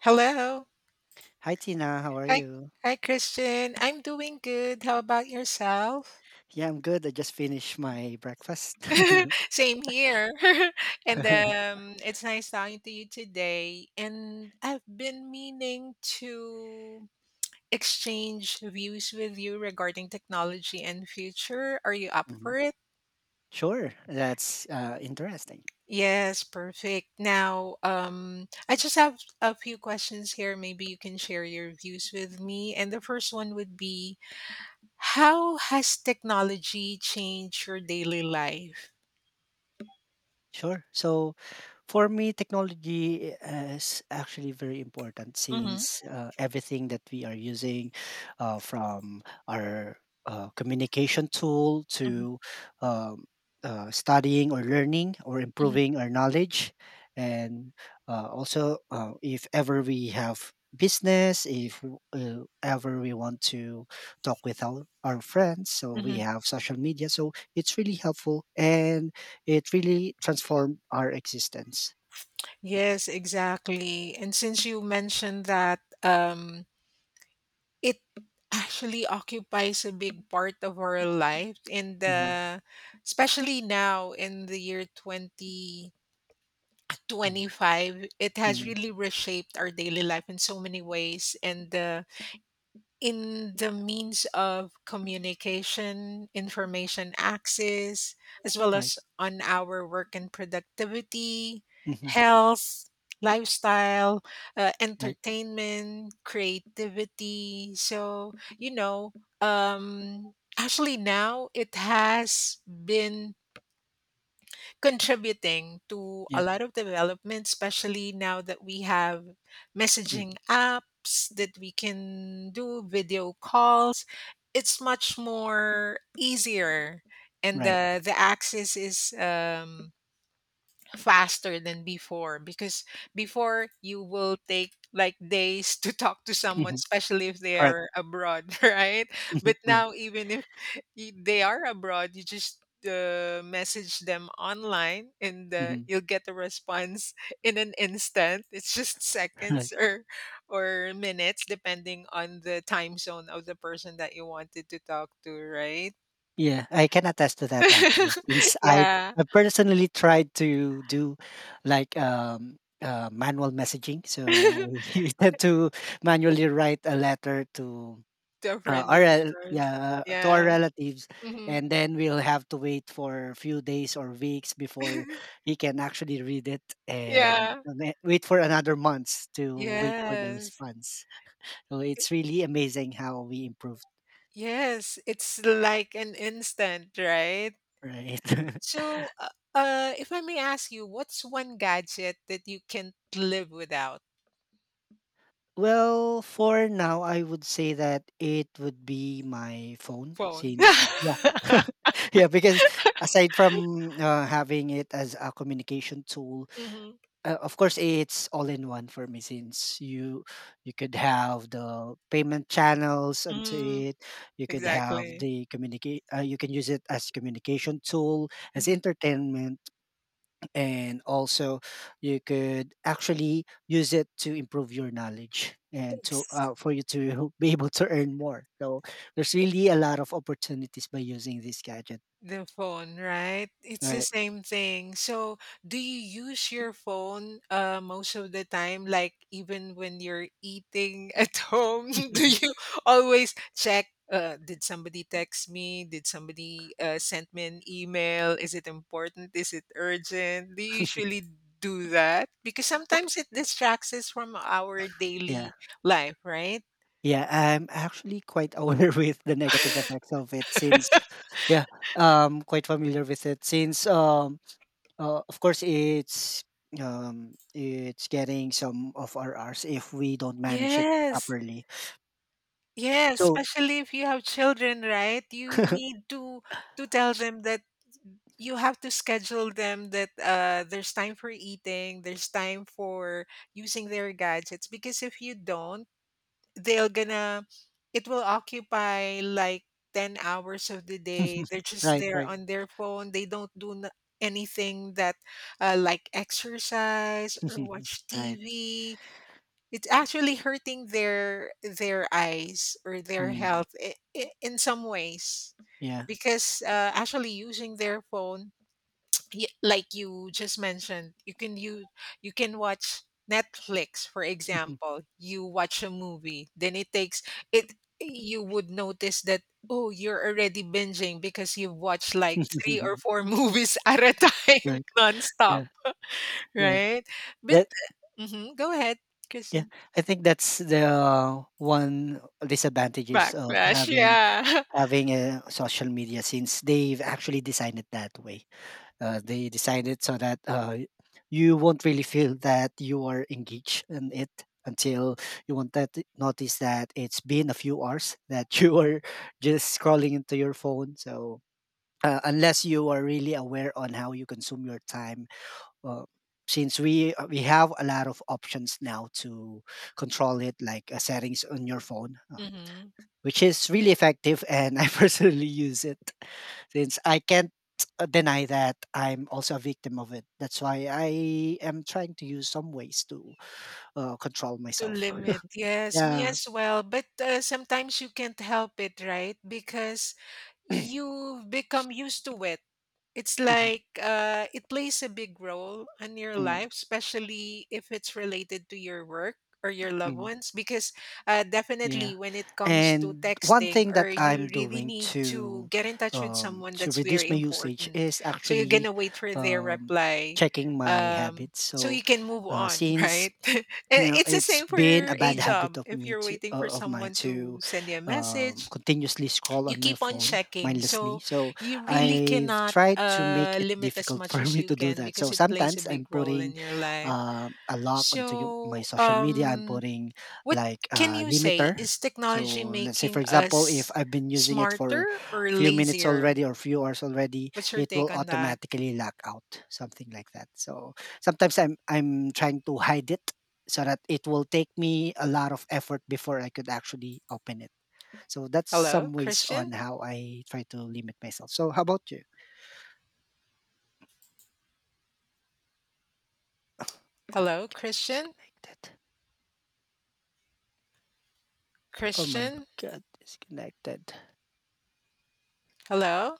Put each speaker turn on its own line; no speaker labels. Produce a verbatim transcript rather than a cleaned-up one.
Hello.
Hi Tina, how are
Hi.
you?
Hi, Christian. I'm doing good. How about yourself?
Yeah, I'm good. I just finished my breakfast.
Same here. and um, It's nice talking to you today. And I've been meaning to exchange views with you regarding technology and future. Are you up
Mhm.
for it?
Sure, that's uh, interesting.
Yes, perfect. Now, um, I just have a few questions here. Maybe you can share your views with me. And the first one would be, how has technology changed your daily life?
Sure. So for me, technology eh, is actually very important
Mhm,
since uh, everything that we are using, uh, from our uh, communication tool
mhm,
to um, uh, studying or learning or
mhm,
improving our knowledge, and uh, also uh, if ever we have business, if uh, ever we want to talk with our, our friends, so we
mhm.
have social media. So it's really helpful and it really transformed our existence.
Yes, exactly. And since you mentioned that um, it actually occupies a big part of our life in
Mhm,
the, especially now in the year
mhm,
twenty twenty-five, it has
mhm.
really reshaped our daily life in so many ways. And uh, In the means of communication, information access, as well
Right.
as on our work and productivity,
Mhm,
health, lifestyle, uh,
right.
entertainment, creativity. So, you know, um, actually, now it has been contributing to
Yeah.
a lot of development, especially now that we have
Mm,
messaging apps that we can do video calls. It's much more easier, and
right.
the the access is um, faster than before, because before you will take like days to talk to someone,
Mhm,
especially if they
correct.
are abroad. Right?
Mhm,
But
right.
now, even if y- they are abroad, you just uh, message them online, and uh,
Mhm,
you'll get a response in an instant. It's just
right.
seconds or or minutes, depending on the time zone of the person that you wanted to talk to, right?
Yeah, I can attest to that actually. Since I
Yeah.
I personally tried to do like um uh, manual messaging,
To
so you tend to manually write a letter to
a
uh,
friend
our
of
rel-
yours.
yeah, to our
Yeah.
relatives,
Mhm.
and then we'll have to wait for a few days or weeks before he can actually read it, and
Yeah.
then wait for another month to wait for the
Yes.
response. So
I
it's really amazing how we improved,
Yes, it's like an instant, right?
right?
So, uh, uh, if I may ask you, what's one gadget that you can't live without?
Well, for now, I would say that it would be my phone
Phone.
since, yeah. Yeah, because aside from uh, having it as a communication tool,
Mhm.
uh, of course, it's all in one for me since you you could have the payment channels onto
Mm. Mm,
it, you could have
exactly.
the communicate, uh, you can use it as communication tool, as
Mhm.
entertainment, and also you could actually use it to improve your knowledge and to
Thanks.
uh, for you to be able to earn more, so there's really a lot of opportunities by using this gadget,
The phone, right? It's the
right?
same thing. So, do you use your phone uh most of the time, like even when you're eating at home? Do you always check, uh, did somebody text me? Did somebody uh send me an email? Is it important? Is it urgent? Do you usually do that? Because
W-
sometimes it distracts us from our
yeah
daily life, right?
yeah, I'm actually quite aware with the negative effects of it since, yeah, um quite familiar with it since um Uh, of course, it's um, it's getting some of our hours if we don't manage it
Yes.
properly.
Yes,
So,
especially if you have children, right? You need to to tell them that you have to schedule them, that uh there's time for eating, there's time for using their gadgets, because if you don't, they'll gonna it will occupy like ten hours of the day. They're just
right,
there
right,
on their phone. They don't do n- anything, that uh, like exercise or watch
right.
T V. It's actually hurting their their eyes or their, Mm,
Mm,
health I I in some ways,
yeah,
because, uh, actually using their phone, y like you just mentioned, you can use you can watch Netflix, for example. You watch a movie, then it takes it you would notice that, "Oh, you're already binging because you've watched, like, three or four movies at a time
right.
nonstop,"
Yeah, yeah.
right? But
That
mhm, go ahead,
yeah.
Kristen.
I think that's the one disadvantages of
Backlash,
having
yeah.
having a social media since they've actually designed it that way. Uh, they decided so that uh, you won't really feel that you are engaged in it until you won't that notice that it's been a few hours that you are just scrolling into your phone. So uh, unless you are really aware on how you consume your time, uh, since we uh, we have a lot of options now to control it, like uh, settings on your phone. Uh,
Mhm.
which is really effective, and I personally use it since I can't uh, deny that I'm also a victim of it. That's why I am trying to use some ways to uh, control
To
myself.
limit, yes, me
Yeah.
as well. But uh, sometimes you can't help it, right? Because you've become used to it. It's
Mhm.
like uh, it plays a big role in your
Mm,
life, especially if it's related to your work or your loved
mm.
ones. Because uh,
Yeah.
definitely, when it comes to
And one
texting,
thing
or
that
you
I'm
really
doing
need to
to
get in touch with
um,
someone
to
that's
reduce
very
my usage
important,
is
so you're
actually
gonna wait for their
um,
reply,
checking my
um,
habits.
so
So
you can move
uh,
on,
since
right? Eh,
you know,
it's the
it's
same for
been
your
a
a
bad habit
job.
of
If
me
you're
to
waiting for
uh, of mine
someone
to
to send you a
um,
message,
continuously scroll
you
on my
keep on
phone
checking.
mindlessly.
So
So
you really
I've
cannot
tried to make
uh,
it
limit as
difficult for
much as
me
you
to do
can,
that.
because
So
it plays a
sometimes I'm
big role
putting
in your life.
uh, a lock onto yo- my
So,
social media. I'm
um,
putting
what
like
can
a
you say?
limiter.
Is technology
So let's say, for
making
example, if
us
I've been using it for
smarter or
few minutes
lazier?
already or few hours already,
What's your
it will
take on that?
automatically lock out, something like that. So sometimes I'm I'm trying to hide it so that it will take me a lot of effort before I could actually open it. So that's
Hello,
some ways on
Christian?
how I try to limit myself. So how about you? Oh,
Hello, Christian?
disconnected. Oh my
Christian?
god, disconnected.
Hello?